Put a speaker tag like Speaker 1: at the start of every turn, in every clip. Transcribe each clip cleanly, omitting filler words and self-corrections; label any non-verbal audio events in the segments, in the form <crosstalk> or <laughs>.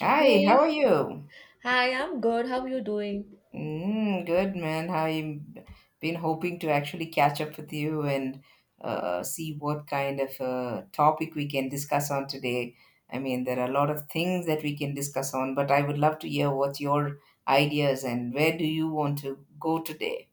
Speaker 1: Hi, how are
Speaker 2: Hey,
Speaker 1: you?
Speaker 2: hi, I'm good. How are you doing?
Speaker 1: Mm, good man. I've been hoping to actually catch up with you and see what kind of topic we can discuss on today. I mean, there are a lot of things that we can discuss on, but I would love to hear what's your ideas and where do you want to go today?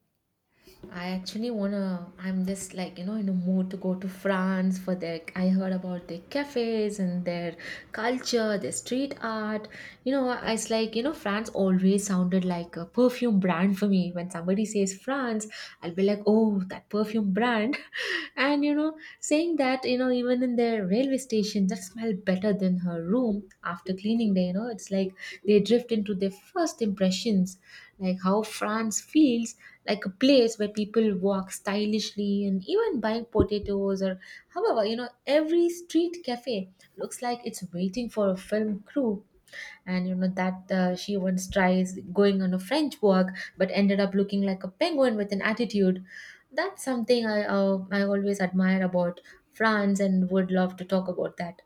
Speaker 2: I actually wanna. I'm just like, you know, in a mood to go to France for their. I heard about their cafes and their culture, their street art. You know, it's like, you know, France always sounded like a perfume brand for me. When somebody says France, I'll be like, oh, that perfume brand. <laughs> And you know, saying that, you know, even in their railway station, that smell better than her room after cleaning day. You know, it's like they drift into their first impressions, like how France feels like a place where people walk stylishly and even buying potatoes or however, you know, every street cafe looks like it's waiting for a film crew. And you know that she once tries going on a French walk but ended up looking like a penguin with an attitude. That's something I always admire about France and would love to talk about that.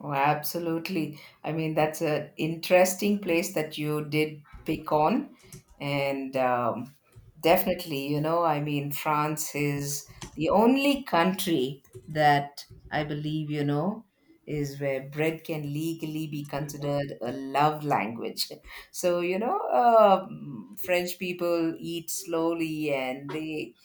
Speaker 1: Oh, absolutely. I mean, that's an interesting place that you did pick on. And definitely, you know, I mean, France is the only country that I believe, you know, is where bread can legally be considered a love language. <laughs> So, you know, French people eat slowly and they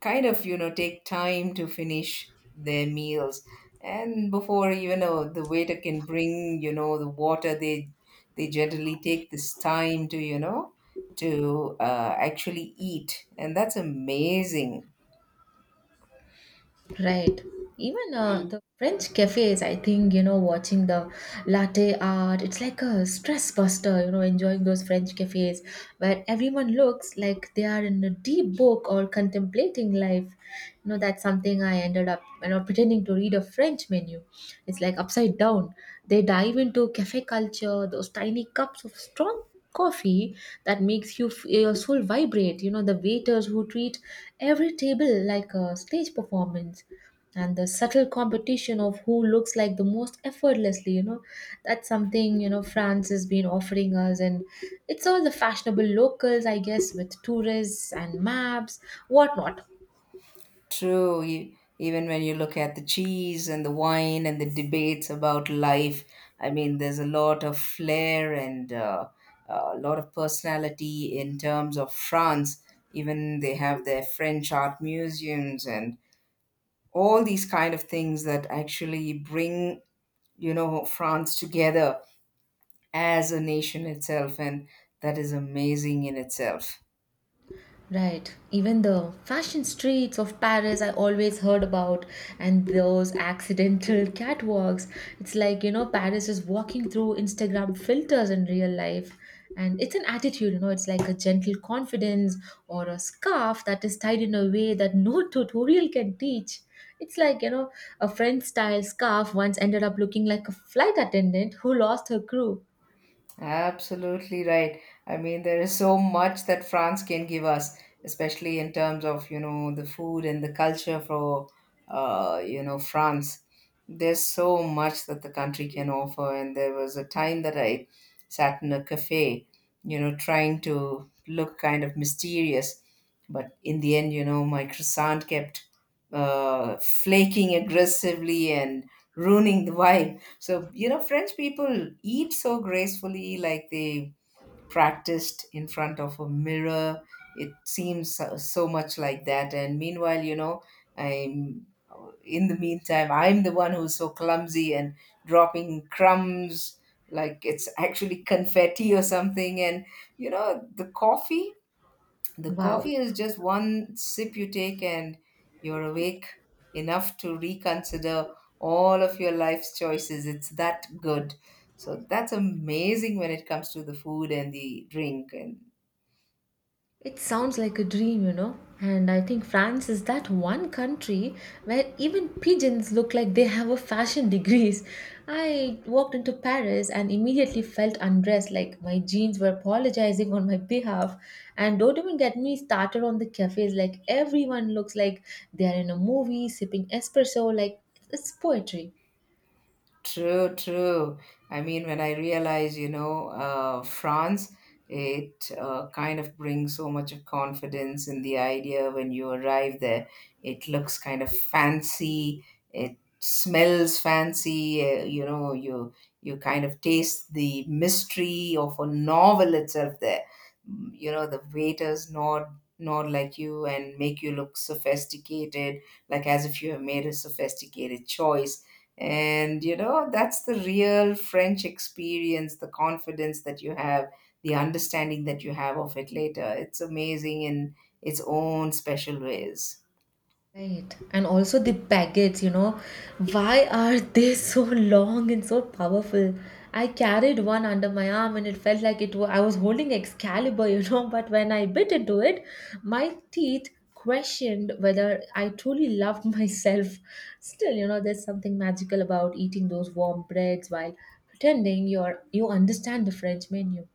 Speaker 1: kind of you know take time to finish their meals, and before you know the waiter can bring you know the water, they generally take this time to you know to actually eat, and that's amazing.
Speaker 2: Right. Even the French cafes, I think, you know, watching the latte art, it's like a stress buster, you know, enjoying those French cafes where everyone looks like they are in a deep book or contemplating life. You know, that's something I ended up, you know, pretending to read a French menu. It's like upside down. They dive into cafe culture, those tiny cups of strong coffee that makes you your soul vibrate, you know, the waiters who treat every table like a stage performance, and the subtle competition of who looks like the most effortlessly, you know, that's something, you know, France has been offering us, and it's all the fashionable locals, I guess, with tourists and maps, whatnot.
Speaker 1: True, even when you look at the cheese and the wine and the debates about life, I mean, there's a lot of flair and a lot of personality in terms of France. Even they have their French art museums and all these kind of things that actually bring, you know, France together as a nation itself. And that is amazing in itself.
Speaker 2: Right. Even the fashion streets of Paris, I always heard about, and those accidental <laughs> catwalks. It's like, you know, Paris is walking through Instagram filters in real life. And it's an attitude, you know, it's like a gentle confidence or a scarf that is tied in a way that no <laughs> tutorial can teach. It's like, you know, a French style scarf once ended up looking like a flight attendant who lost her crew.
Speaker 1: Absolutely right. I mean, there is so much that France can give us, especially in terms of, you know, the food and the culture for, you know, France. There's so much that the country can offer. And there was a time that I sat in a cafe, you know, trying to look kind of mysterious. But in the end, you know, my croissant kept flaking aggressively and ruining the vibe. So, you know, French people eat so gracefully, like they practiced in front of a mirror. It seems so, so much like that. And meanwhile, you know, I'm I'm the one who's so clumsy and dropping crumbs like it's actually <laughs> confetti or something. And, you know, the coffee the
Speaker 2: Wow.
Speaker 1: coffee is just one sip you take, and you're awake enough to reconsider all of your life's choices. It's that good. So that's amazing when it comes to the food and the drink. And
Speaker 2: It sounds like a dream, you know. And I think France is that one country where even pigeons look like they have a fashion <laughs> degrees. I walked into Paris and immediately felt undressed, like my jeans were apologizing on my behalf. And don't even get me started on the cafes, like everyone looks like they are in a movie, sipping espresso, like it's poetry.
Speaker 1: true, true. I mean, when I realize, you know, France, it kind of brings so much of confidence in the idea when you arrive there. It looks kind of fancy. It smells fancy. You know, you kind of taste the mystery of a novel itself there. You know, the waiters nod like you and make you look sophisticated, like as if you have made a sophisticated choice, and you know, that's the real French experience, the confidence that you have, the understanding that you have of it later. It's amazing in its own special ways.
Speaker 2: Right. And also the baguettes, you know, why are they so long and so powerful? I carried one under my arm and it felt like I was holding Excalibur, you know, <laughs> but when I bit into it, my teeth questioned whether I truly loved <laughs> myself. Still, you know, there's something magical about eating those warm breads while pretending you understand the French menu.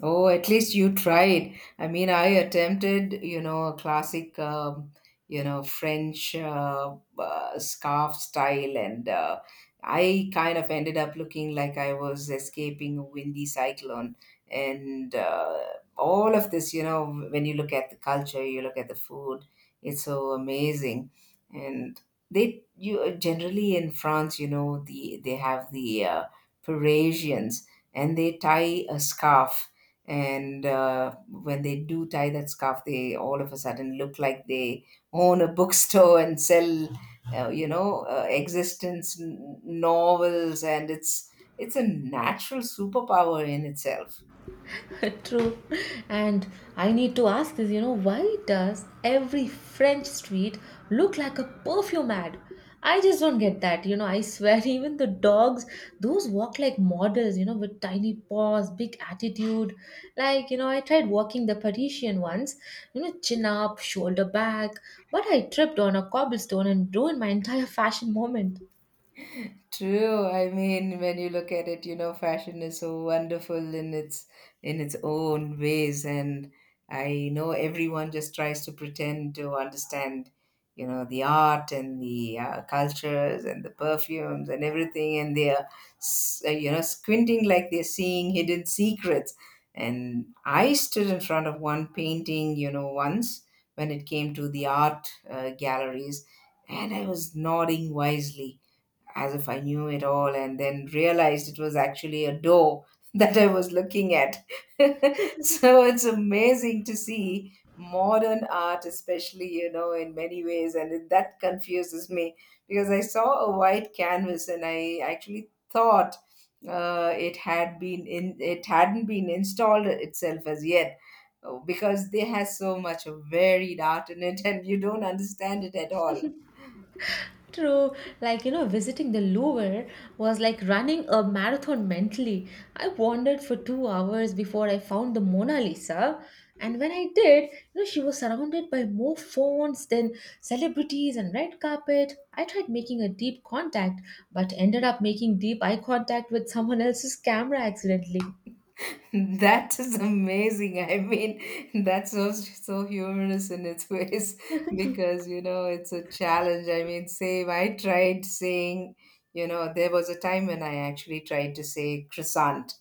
Speaker 1: Oh, at least you tried. I mean, I attempted, you know, a classic, you know, French scarf style, and I kind of ended up looking like I was escaping a windy cyclone. And all of this, you know, when you look at the culture, you look at the food, it's so amazing. And they, you generally in France, you know, they have the Parisians, and they tie a scarf, and when they do tie that scarf, they all of a sudden look like they own a bookstore and sell you know existence novels, and it's a natural superpower in itself.
Speaker 2: <laughs> True. And I need to ask this, you know, why does every French street look like a perfume ad? I just don't get that. You know, I swear, <laughs> even the dogs, those walk like models, you know, with tiny paws, big attitude. Like, you know, I tried walking the Parisian ones, you know, chin up, shoulder back, but I tripped on a cobblestone and ruined my entire fashion moment.
Speaker 1: True. I mean, when you look at it, you know, fashion is so wonderful in its own ways, and I know everyone just tries to pretend to understand, you know, the art and the cultures and the perfumes and everything, and they are, you know, squinting like they're seeing hidden secrets. And I stood in front of one painting, you know, once when it came to the art galleries, and I was nodding wisely as if I knew it all, and then realized it was actually a door <laughs> that I was looking at. <laughs> So it's amazing to see modern art, especially, you know, in many ways. And that confuses me because I saw a white canvas and I actually thought. It had been in it hadn't been installed itself as yet, because they has so much of varied art in it. <laughs> And you don't understand it at all.
Speaker 2: True, like, you know, visiting the Louvre was like running a marathon mentally. I wandered for 2 hours before I found the Mona Lisa, and when I did, you know, she was surrounded by more phones than celebrities and red carpet. I tried making a deep contact, but ended up making deep eye contact with someone else's camera accidentally.
Speaker 1: <laughs> That is amazing. I mean, that's so, so humorous in its ways. <laughs> Because you know it's a challenge. I mean, same. I tried saying, you know, there was a time when I actually tried to say croissant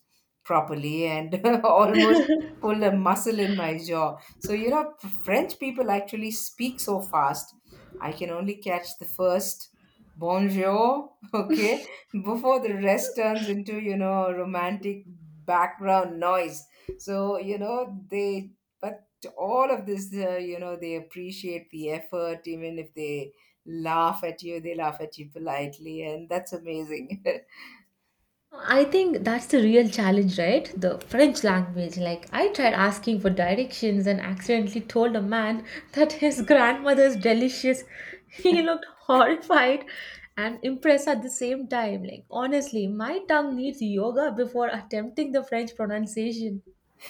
Speaker 1: properly and <laughs> almost pulled a muscle in my jaw. So you know, French people actually speak so fast. I can only catch the first bonjour, <laughs> okay, before the rest turns into you know romantic background noise. So you know they but all of this you know they appreciate the effort. Even if they laugh at you, they laugh at you politely, and that's amazing. <laughs>
Speaker 2: I think that's the real challenge, right? The French language. Like, I tried asking for directions and accidentally told a man <laughs> that his grandmother's delicious. <laughs> He looked horrified and impressed at the same time. Like, honestly, my tongue needs yoga before attempting the French pronunciation.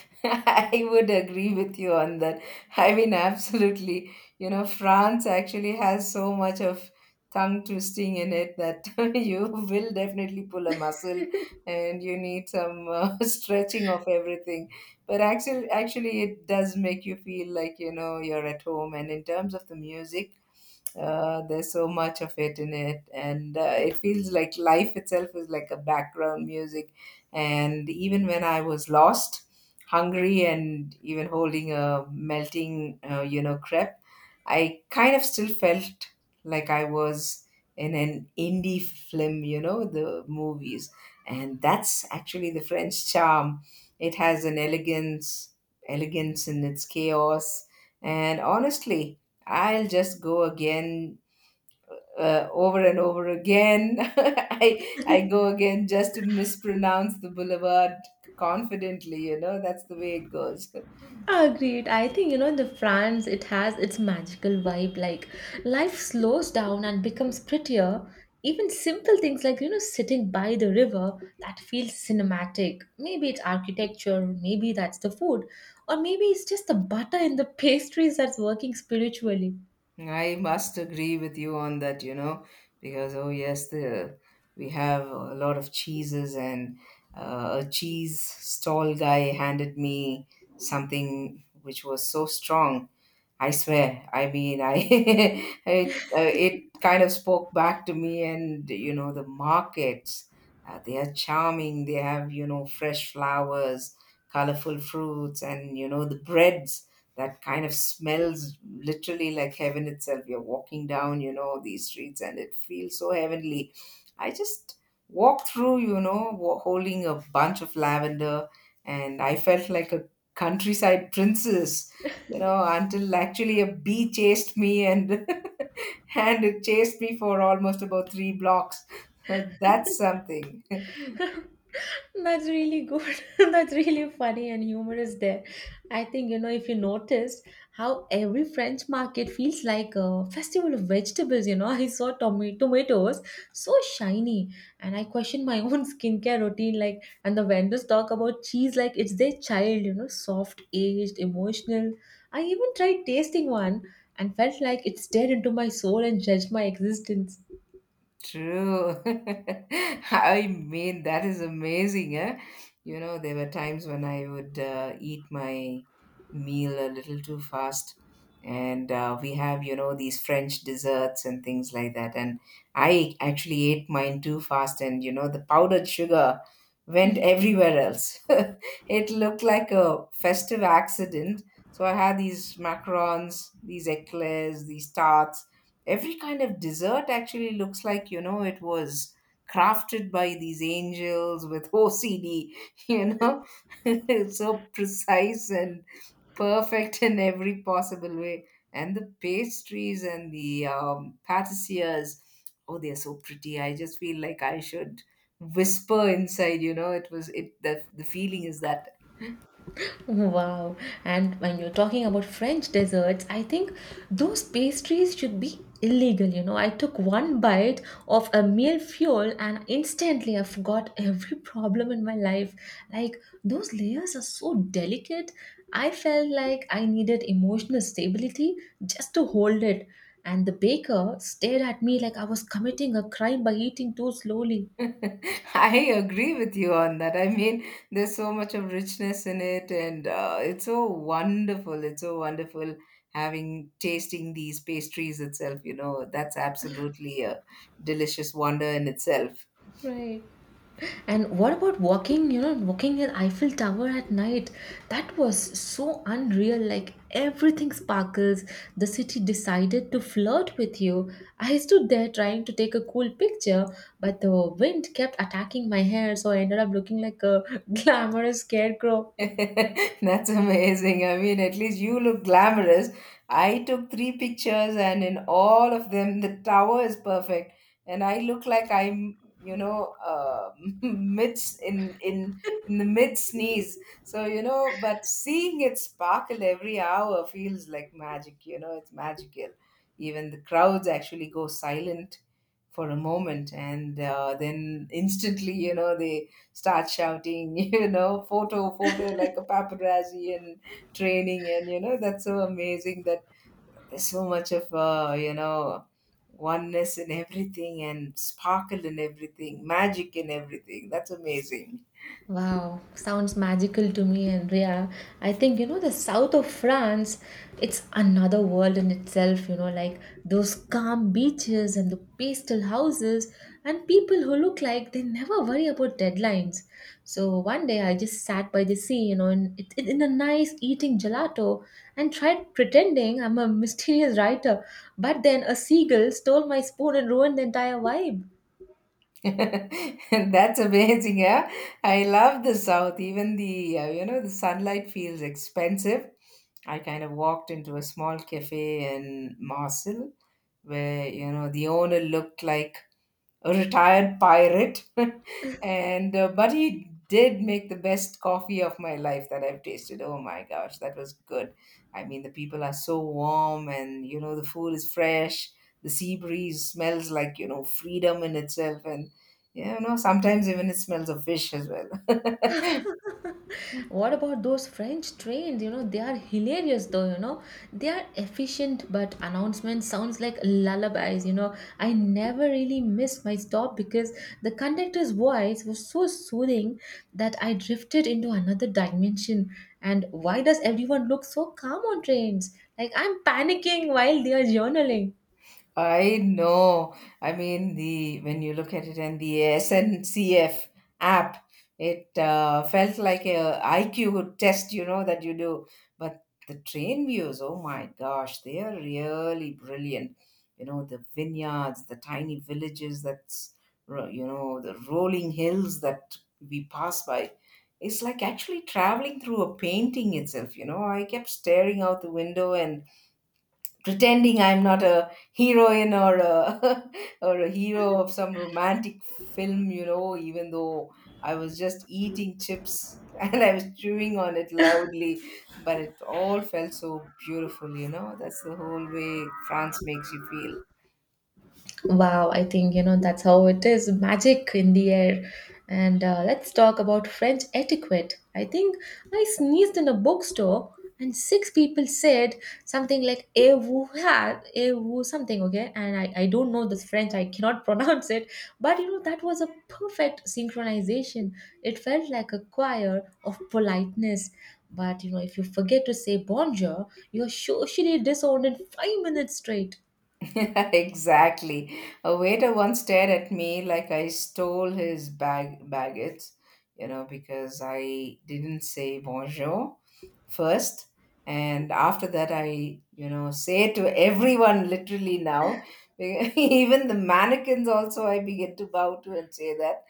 Speaker 1: <laughs> I would agree with you on that. I mean, absolutely. You know, France actually has so much of tongue twisting in it that <laughs> you will definitely pull a muscle and you need some <laughs> stretching of everything. But actually, it does make you feel like, you know, you're at home. And in terms of the music, there's so much of it in it, and it feels like life itself is like a background music. And even when I was lost, hungry, and even holding a melting, you know, crepe, I kind of still felt like I was in an indie film, you know, the movies. And that's actually the French charm. It has an elegance in its chaos. And honestly, I'll just go again over and over again. <laughs> I go again just to mispronounce the boulevard confidently. You know that's the way it goes.
Speaker 2: Agreed. I think, you know, the France, it has its magical vibe, like life slows down and becomes prettier. Even simple things, like, you know, sitting by the river, that feels cinematic. Maybe it's architecture, maybe that's the food, or maybe it's just the butter in the <laughs> pastries that's working spiritually.
Speaker 1: <laughs> I must agree with you on that. You know, because oh yes, the we have a lot of cheeses, and a cheese stall guy handed me something which was so strong, I swear. I mean, I <laughs> it kind of spoke back to me, and you know the markets. They are charming. They have you know fresh flowers, colorful fruits, and you know the breads that kind of smells literally like heaven itself. You're walking down you know these streets, and it feels so heavenly. I just walked through you know holding a bunch of lavender, and I felt like a countryside <laughs> princess, you know, until actually a bee chased me and <laughs> and it chased me for almost about 3 blocks. <laughs> So that's something.
Speaker 2: <laughs> That's really good. <laughs> That's really funny and humorous there. I think, you know, if you noticed how every French market feels like a festival of vegetables, you know, <laughs> I saw tomatoes so shiny and I questioned my own <laughs> skincare routine. Like, and the vendors talk about cheese like it's their child, you know, soft, aged, emotional. I even tried tasting one and felt like it stared into my soul and judged my existence.
Speaker 1: True. <laughs> I mean, that is amazing, eh? You know, there were times when I would eat my meal a little too fast. And we have, you know, these French desserts and things like that. And I actually ate mine too fast, and, you know, the powdered sugar went everywhere else. <laughs> It looked like a festive accident. So I had these macarons, these eclairs, these tarts, every kind of dessert actually looks like you know it was crafted by these angels with <laughs> OCD. You know, <laughs> it's so precise and perfect in every possible way. And the pastries and the patissiers, oh, they're so pretty. I just feel like I should whisper inside. You know it was it the feeling is that.
Speaker 2: Wow. And when you're talking about French desserts, I think those pastries should be illegal. You know, I took one bite of a meal fuel and instantly I forgot every problem in my life. Like, those layers are so delicate. I felt like I needed emotional stability just to hold it. And the baker stared at me like I was committing a crime by eating too slowly.
Speaker 1: <laughs> I agree with you on that. I mean, there's so much of richness in it, and it's so wonderful. It's so wonderful having tasting these pastries itself. You know, that's absolutely a delicious wonder in itself.
Speaker 2: Right. And what about walking, you know, walking in Eiffel Tower at night? That was so unreal. Like everything sparkles. The city decided to flirt with you. I stood there trying to take a cool picture, but the wind kept attacking my hair, so I ended up looking like a <laughs> glamorous scarecrow.
Speaker 1: <laughs> That's amazing. I mean, at least you look glamorous. I took three pictures, and in all of them, the tower is perfect, and I look like I'm, you know, <laughs> mid in the mid sneeze. So you know, but seeing it sparkle every hour feels like magic. You know, it's magical. Even the crowds actually go silent for a moment, and then instantly, you know, they start shouting, <laughs> you know, photo, photo, like a paparazzi and training. And, you know, that's so amazing, that there's so much of, you know, oneness in everything and sparkle in everything, magic in everything. That's amazing.
Speaker 2: Wow, sounds magical to me, Andrea. I think, you know, the south of France, it's another world in itself, you know, like those calm beaches and the pastel houses and people who look like they never worry about deadlines. So one day I just sat by the sea, you know, and in a nice eating gelato and tried pretending I'm a mysterious writer. But then a seagull stole my spoon and ruined the entire vibe.
Speaker 1: <laughs> That's amazing, yeah. I love the South. Even the you know the sunlight feels expensive. I kind of walked into a small cafe in Marseille where you know the owner looked like a retired pirate, <laughs> and but he did make the best coffee of my life that I've tasted. Oh my gosh, that was good. I mean, the people are so warm, and you know the food is fresh. The sea breeze smells like, you know, freedom in itself, and yeah, you know, sometimes even it smells of fish as well. <laughs>
Speaker 2: What about those French trains? You know, they are hilarious though, you know. They are efficient, but announcement sounds like lullabies, you know. I never really missed my stop because the conductor's voice was so soothing that I drifted into another dimension. And why does everyone look so calm on trains? Like I'm panicking while they are journaling.
Speaker 1: I know. I mean, the when you look at it and the SNCF app, it felt like a IQ test, you know, that you do. But the train views, oh my gosh, they are really brilliant. You know, the vineyards, the tiny villages you know, the rolling hills that we pass by. It's like actually traveling through a painting itself, you know. I kept staring out the window and pretending I'm not a heroine or a <laughs> or a hero of some romantic film, you know, even though I was just eating chips <laughs> and I was chewing on it loudly, but it all felt so beautiful, you know. That's the whole way France makes you feel.
Speaker 2: Wow, I think you know that's how it is, magic in the air. And let's talk about French etiquette. I think I sneezed in a bookstore and 6 people said something like "eh vous ha eh vous" something, okay, and I don't know this French, I cannot <laughs> pronounce it, but you know that was a perfect synchronization, it felt like a choir of politeness, but you know if you forget to say bonjour you're socially disowned in 5 minutes straight.
Speaker 1: <laughs> Exactly. A waiter once stared at me like I stole his baggage, you know, because I didn't say bonjour first. And after that, I, you know, say it to everyone literally now. <laughs> Even the mannequins, also, I begin to bow to and say that.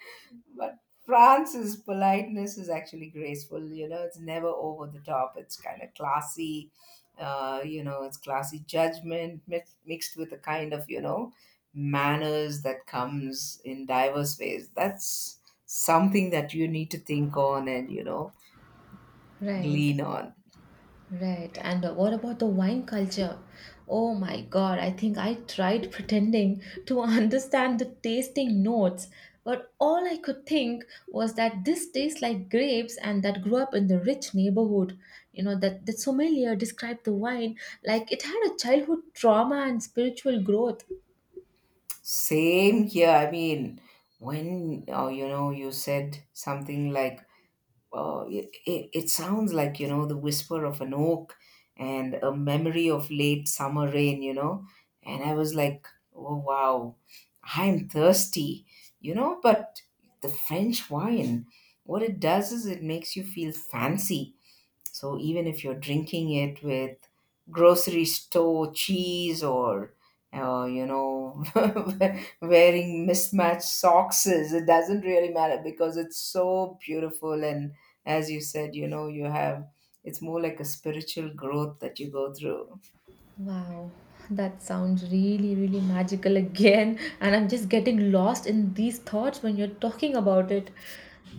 Speaker 1: But France's politeness is actually graceful. You know, it's never over the top. It's kind of classy. You know, it's classy judgment mixed with a kind of, you know, manners that comes in diverse ways. That's something that you need to think on and, you know,
Speaker 2: Right.
Speaker 1: glean on.
Speaker 2: Right. And what about the wine culture? Oh my God, I think I tried pretending to <laughs> understand the tasting notes, but all I could think was that this tastes like grapes and that grew up in the rich neighborhood. You know, that the sommelier described the wine like it had a childhood trauma and spiritual growth.
Speaker 1: Same here. I mean, when you know, you said something like, it sounds like, you know, the whisper of an oak and a memory of late summer rain, you know, and I was like, oh, wow, I'm thirsty, you know. But the French wine, what it does is it makes you feel fancy, so even if you're drinking it with grocery store cheese or, you know, <laughs> wearing mismatched socks, it doesn't really matter because it's so beautiful. And as you said, you know, you have, it's more like a spiritual growth that you go through.
Speaker 2: Wow, that sounds really, really magical again. <laughs> And I'm just getting lost in these thoughts when you're talking about it.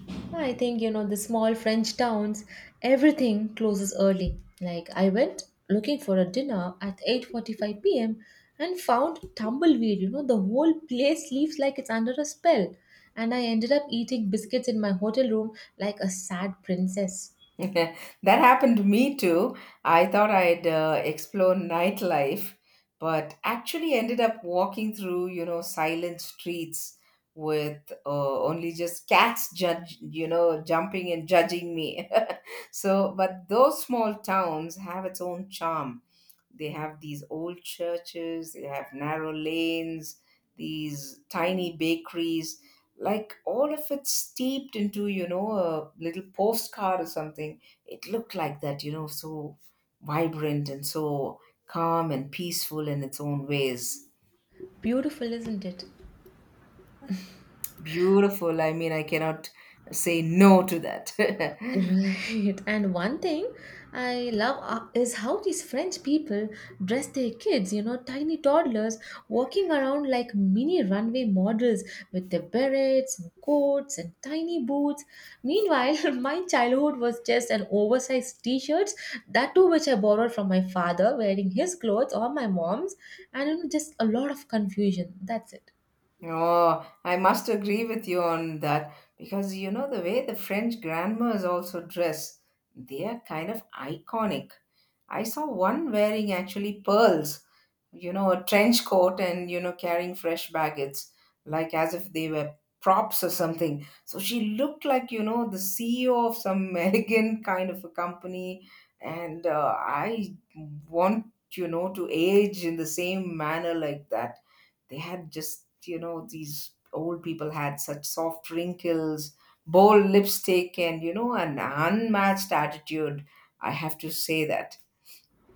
Speaker 2: Yeah, I think, you know, the small French towns, everything closes early. Like I went looking for a dinner at 8:45 p.m. and found tumbleweed, you know, the whole place leaves like it's under a spell. And I ended up eating biscuits in my hotel room like a sad princess.
Speaker 1: <laughs> That happened to me too. I thought I'd explore nightlife, but actually ended up walking through, you know, silent streets with, only just cats judge, you know, jumping and judging me. <laughs> So, but those small towns have its own charm. They have these old churches, they have narrow lanes, these tiny bakeries. Like all of it steeped into, you know, a little postcard or something. It looked like that, you know, so vibrant and so calm and peaceful in its own ways.
Speaker 2: Beautiful, isn't it?
Speaker 1: Beautiful. I mean, I cannot say no to that. <laughs>
Speaker 2: Right. And one thing I love is how these French people dress their kids, you know, tiny toddlers walking around like mini runway models with their berets and coats and tiny boots. Meanwhile, <laughs> my childhood was just an oversized t-shirts, that too which I borrowed from my father wearing his clothes or my mom's, and you know, just a lot of confusion. That's it.
Speaker 1: Oh, I must agree with you on that, because you know the way the French grandmas also dress, they are kind of iconic. I saw one wearing actually pearls, you know, a trench coat, and, you know, carrying fresh baggage, like as if they were props or something. So she looked like, you know, the CEO of some <laughs> elegant kind of a company. And I want, you know, to age in the same manner like that. They had just, you know, these old people had such soft wrinkles, bold lipstick, and, you know, an unmatched attitude. I have to say that.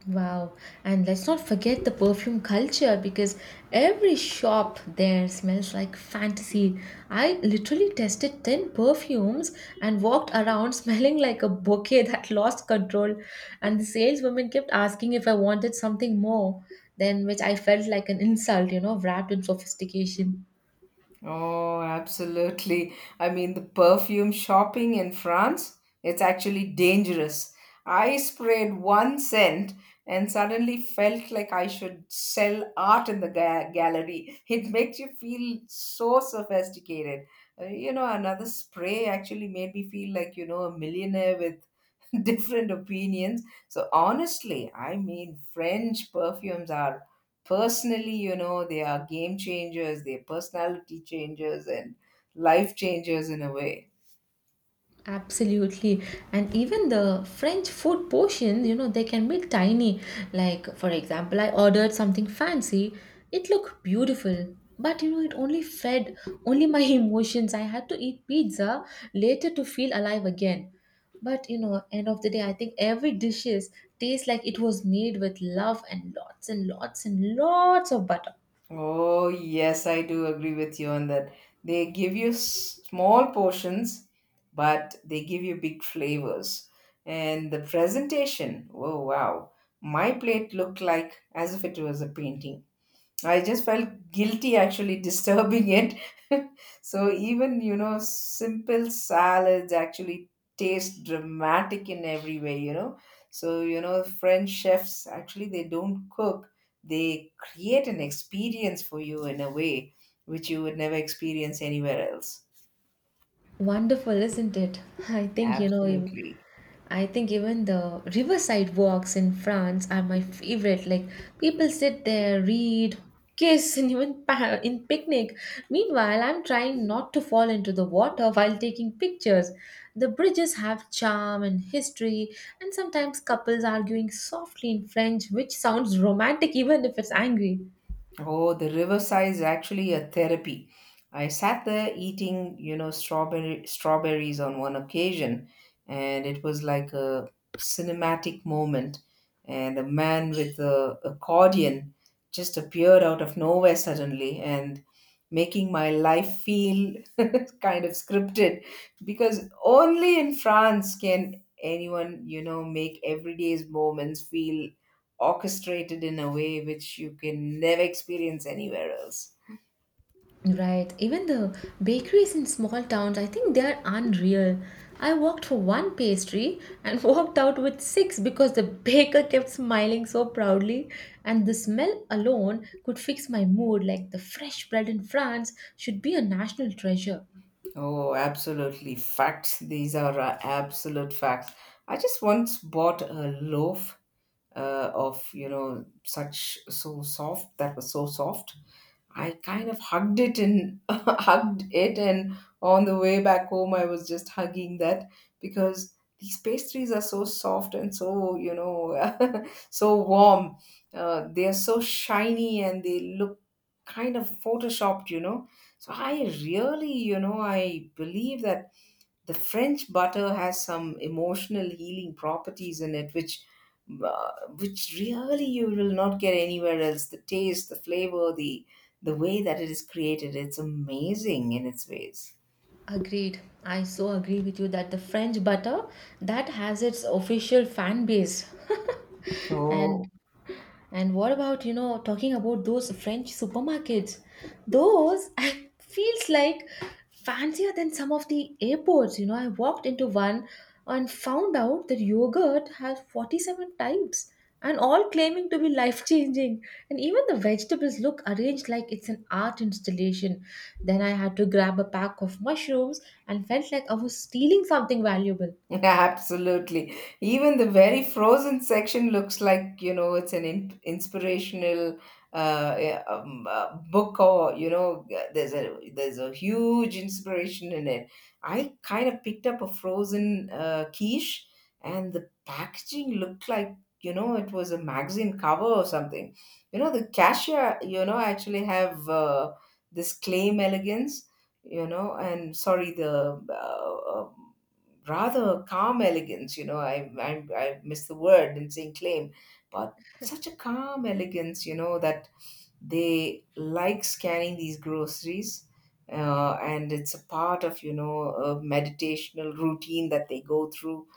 Speaker 2: Wow, and let's not forget the perfume culture because every shop there smells like fantasy. I literally tested 10 perfumes and walked around <laughs> smelling like a bouquet that lost control. And the saleswoman kept asking if I wanted something more, then which I felt like an insult, you know, wrapped in sophistication.
Speaker 1: Oh, absolutely. I mean, the perfume shopping in France, it's actually dangerous. I sprayed one scent and suddenly felt like I should sell art in the gallery. It makes you feel so sophisticated. You know, another spray actually made me feel like, you know, a millionaire with <laughs> different opinions. So, honestly, I mean, French perfumes are personally, you know, they are game changers, they're personality changers, and life changers in a way.
Speaker 2: Absolutely. And even the French food portions, you know, they can be tiny. Like, for example, I ordered something fancy. It looked beautiful, but you know, it only fed only my <laughs> emotions. I had to eat pizza later to feel alive again. But you know, end of the day, I think every dishes tastes like it was made with love and lots and lots and lots of butter.
Speaker 1: Oh, yes, I do agree with you on that. They give you small portions, but they give you big flavors. And the presentation, oh, wow. My plate looked like as if it was a painting. I just felt guilty actually <laughs> disturbing it. So even, you know, simple salads actually taste dramatic in every way, you know. So, you know, French chefs actually, they don't cook, they create an experience for you in a way which you would never experience anywhere else.
Speaker 2: Wonderful, isn't it? <laughs> I think you know.
Speaker 1: Absolutely.
Speaker 2: I think even the riverside walks in France are my favorite. Like people sit there, read, kiss, and even in picnic. Meanwhile, I'm trying not to fall into the water while taking pictures. The bridges have charm and history, and sometimes couples arguing softly in French, which sounds romantic even if it's angry.
Speaker 1: Oh, the riverside is actually a therapy. I sat there eating, you know, strawberry strawberries on one occasion, and it was like a cinematic moment. And a man with a accordion just appeared out of nowhere suddenly and making my life feel <laughs> kind of scripted, because only in France can anyone, you know, make everyday's moments feel orchestrated in a way which you can never experience anywhere else.
Speaker 2: Right. Even the bakeries in small towns, I think they are unreal. I walked for one pastry and <laughs> walked out with six because the baker kept smiling so proudly. And the smell alone could fix my mood, like the fresh bread in France should be a national treasure.
Speaker 1: Oh, absolutely. Facts. These are absolute facts. I just once bought a loaf of, you know, such so soft, that was so soft. I kind of hugged it, and <laughs> hugged it, and on the way back home, I was just hugging that, because these pastries are so soft and so, you know, <laughs> so warm. They are so shiny and they look kind of photoshopped, you know. So I really, you know, I believe that the French butter has some emotional healing properties in it, which, uh, which really you will not get anywhere else. The taste, the flavor, the way that it is created, it's amazing in its ways.
Speaker 2: Agreed. I so agree with you that the French butter that has its official fan base. <laughs>
Speaker 1: Oh,
Speaker 2: and And what about, you know, talking about those French supermarkets? Those <laughs> I feels like fancier than some of the airports. You know, I walked into one and found out that yogurt has 47 types and all claiming to be life changing. And even the vegetables look arranged like it's an art installation. Then I had to grab a pack of mushrooms and felt like I was stealing something valuable.
Speaker 1: <laughs> absolutely. Even the very frozen section looks like, you know, it's an in inspirational yeah, book, or, you know, there's a huge inspiration in it. I kind of picked up a frozen quiche, and the packaging looked like, you know, it was a magazine cover or something. You know, the cashier, you know, actually have, this claim elegance, you know, and sorry, the rather calm elegance. You know, I miss the word in saying claim, but such a calm elegance. You know that they like scanning these groceries, and it's a part of, you know, a meditational routine that they go through.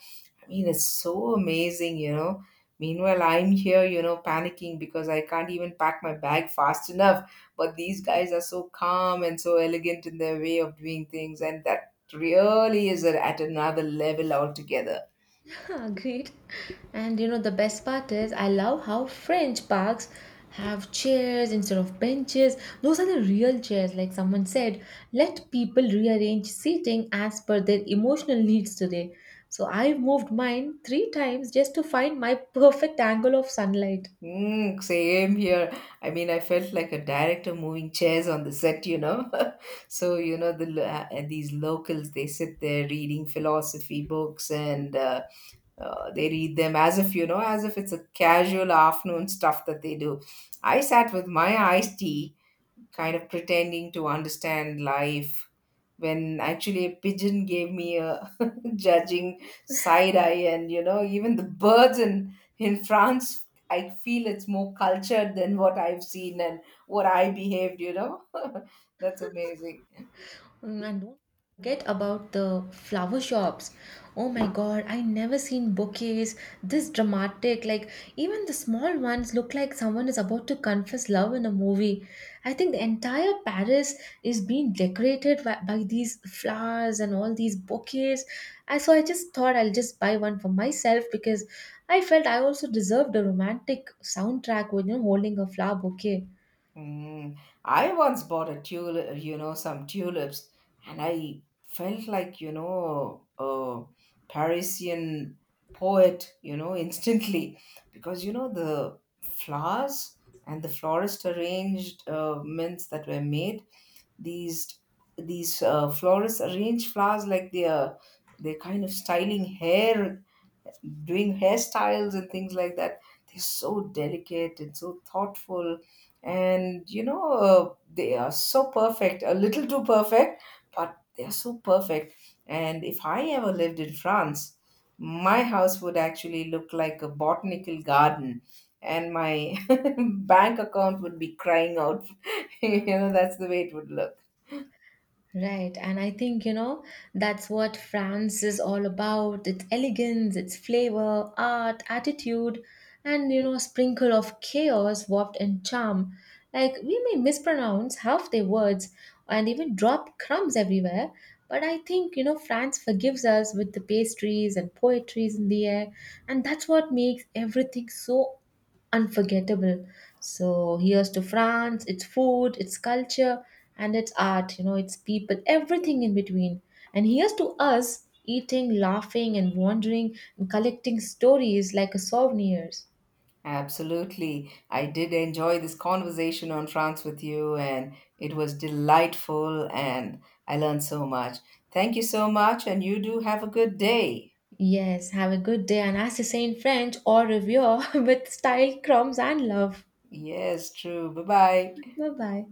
Speaker 1: I mean, it's so amazing, you know. Meanwhile, I'm here, you know, panicking because I can't even pack my bag fast enough. But these guys are so calm and so elegant in their way of doing things, and that really is at another level altogether.
Speaker 2: <laughs> Agreed. And you know, the best part is I love how French parks have chairs instead of benches. Those are the real chairs, like someone said. Let people rearrange seating as per their emotional needs today. So I moved mine 3 times just to find my perfect angle of sunlight.
Speaker 1: Mm, same here. I mean, I felt like a director moving chairs on the set, you know. <laughs> So, you know, these locals, they sit there reading philosophy books and. They read them as if, you know, as if it's a casual afternoon stuff that they do. I sat with my iced tea, kind of pretending to understand life, when actually a pigeon gave me a <laughs> judging side eye. And, you know, even the birds in France, I feel it's more cultured than what I've seen and what I behaved, you know. <laughs> That's amazing.
Speaker 2: Mm, and don't forget about the flower shops. Oh my god, I never seen bouquets this dramatic. Like even the small ones look like someone is about to confess love in a movie. I think the entire Paris is being decorated by these flowers and all these bouquets. I so I just thought I'll just buy one for myself because I felt I also deserved a romantic soundtrack with, you know, holding a flower bouquet.
Speaker 1: Mm, I once bought a tulip, you know, some tulips, and I felt like, you know, a Parisian poet, you know, <laughs> instantly, because, you know, the flowers and the florist arranged, mints that were made, these these florists arrange flowers like they are, they're kind of styling hair, doing hairstyles and things like that. They're so delicate and so thoughtful, and you know, they are so perfect, a little too perfect, but they're so perfect. And if I ever lived in France, my house would actually look like a botanical garden, and my <laughs> bank account would be crying out. <laughs> You know, that's the way it would look.
Speaker 2: Right, and I think you know that's what France is all about. Its elegance, its flavor, art, attitude, and you know, sprinkle of chaos warped in charm. Like we may mispronounce half their words and even drop crumbs everywhere, but I think you know France forgives us with the pastries and poetries in the air, and that's what makes everything so unforgettable. So here's to France, its food, its culture, and its art, you know, its people, everything in between. And here's to us eating, laughing, and wandering and collecting stories like a souvenirs.
Speaker 1: Absolutely. I did enjoy this conversation on France with you, and it was delightful, and I learned so much. Thank you so much, and you do have a good day.
Speaker 2: Yes, have a good day, and as they say in French, au revoir <laughs> with style, crumbs, and love.
Speaker 1: Yes, true. Bye bye.
Speaker 2: Bye bye.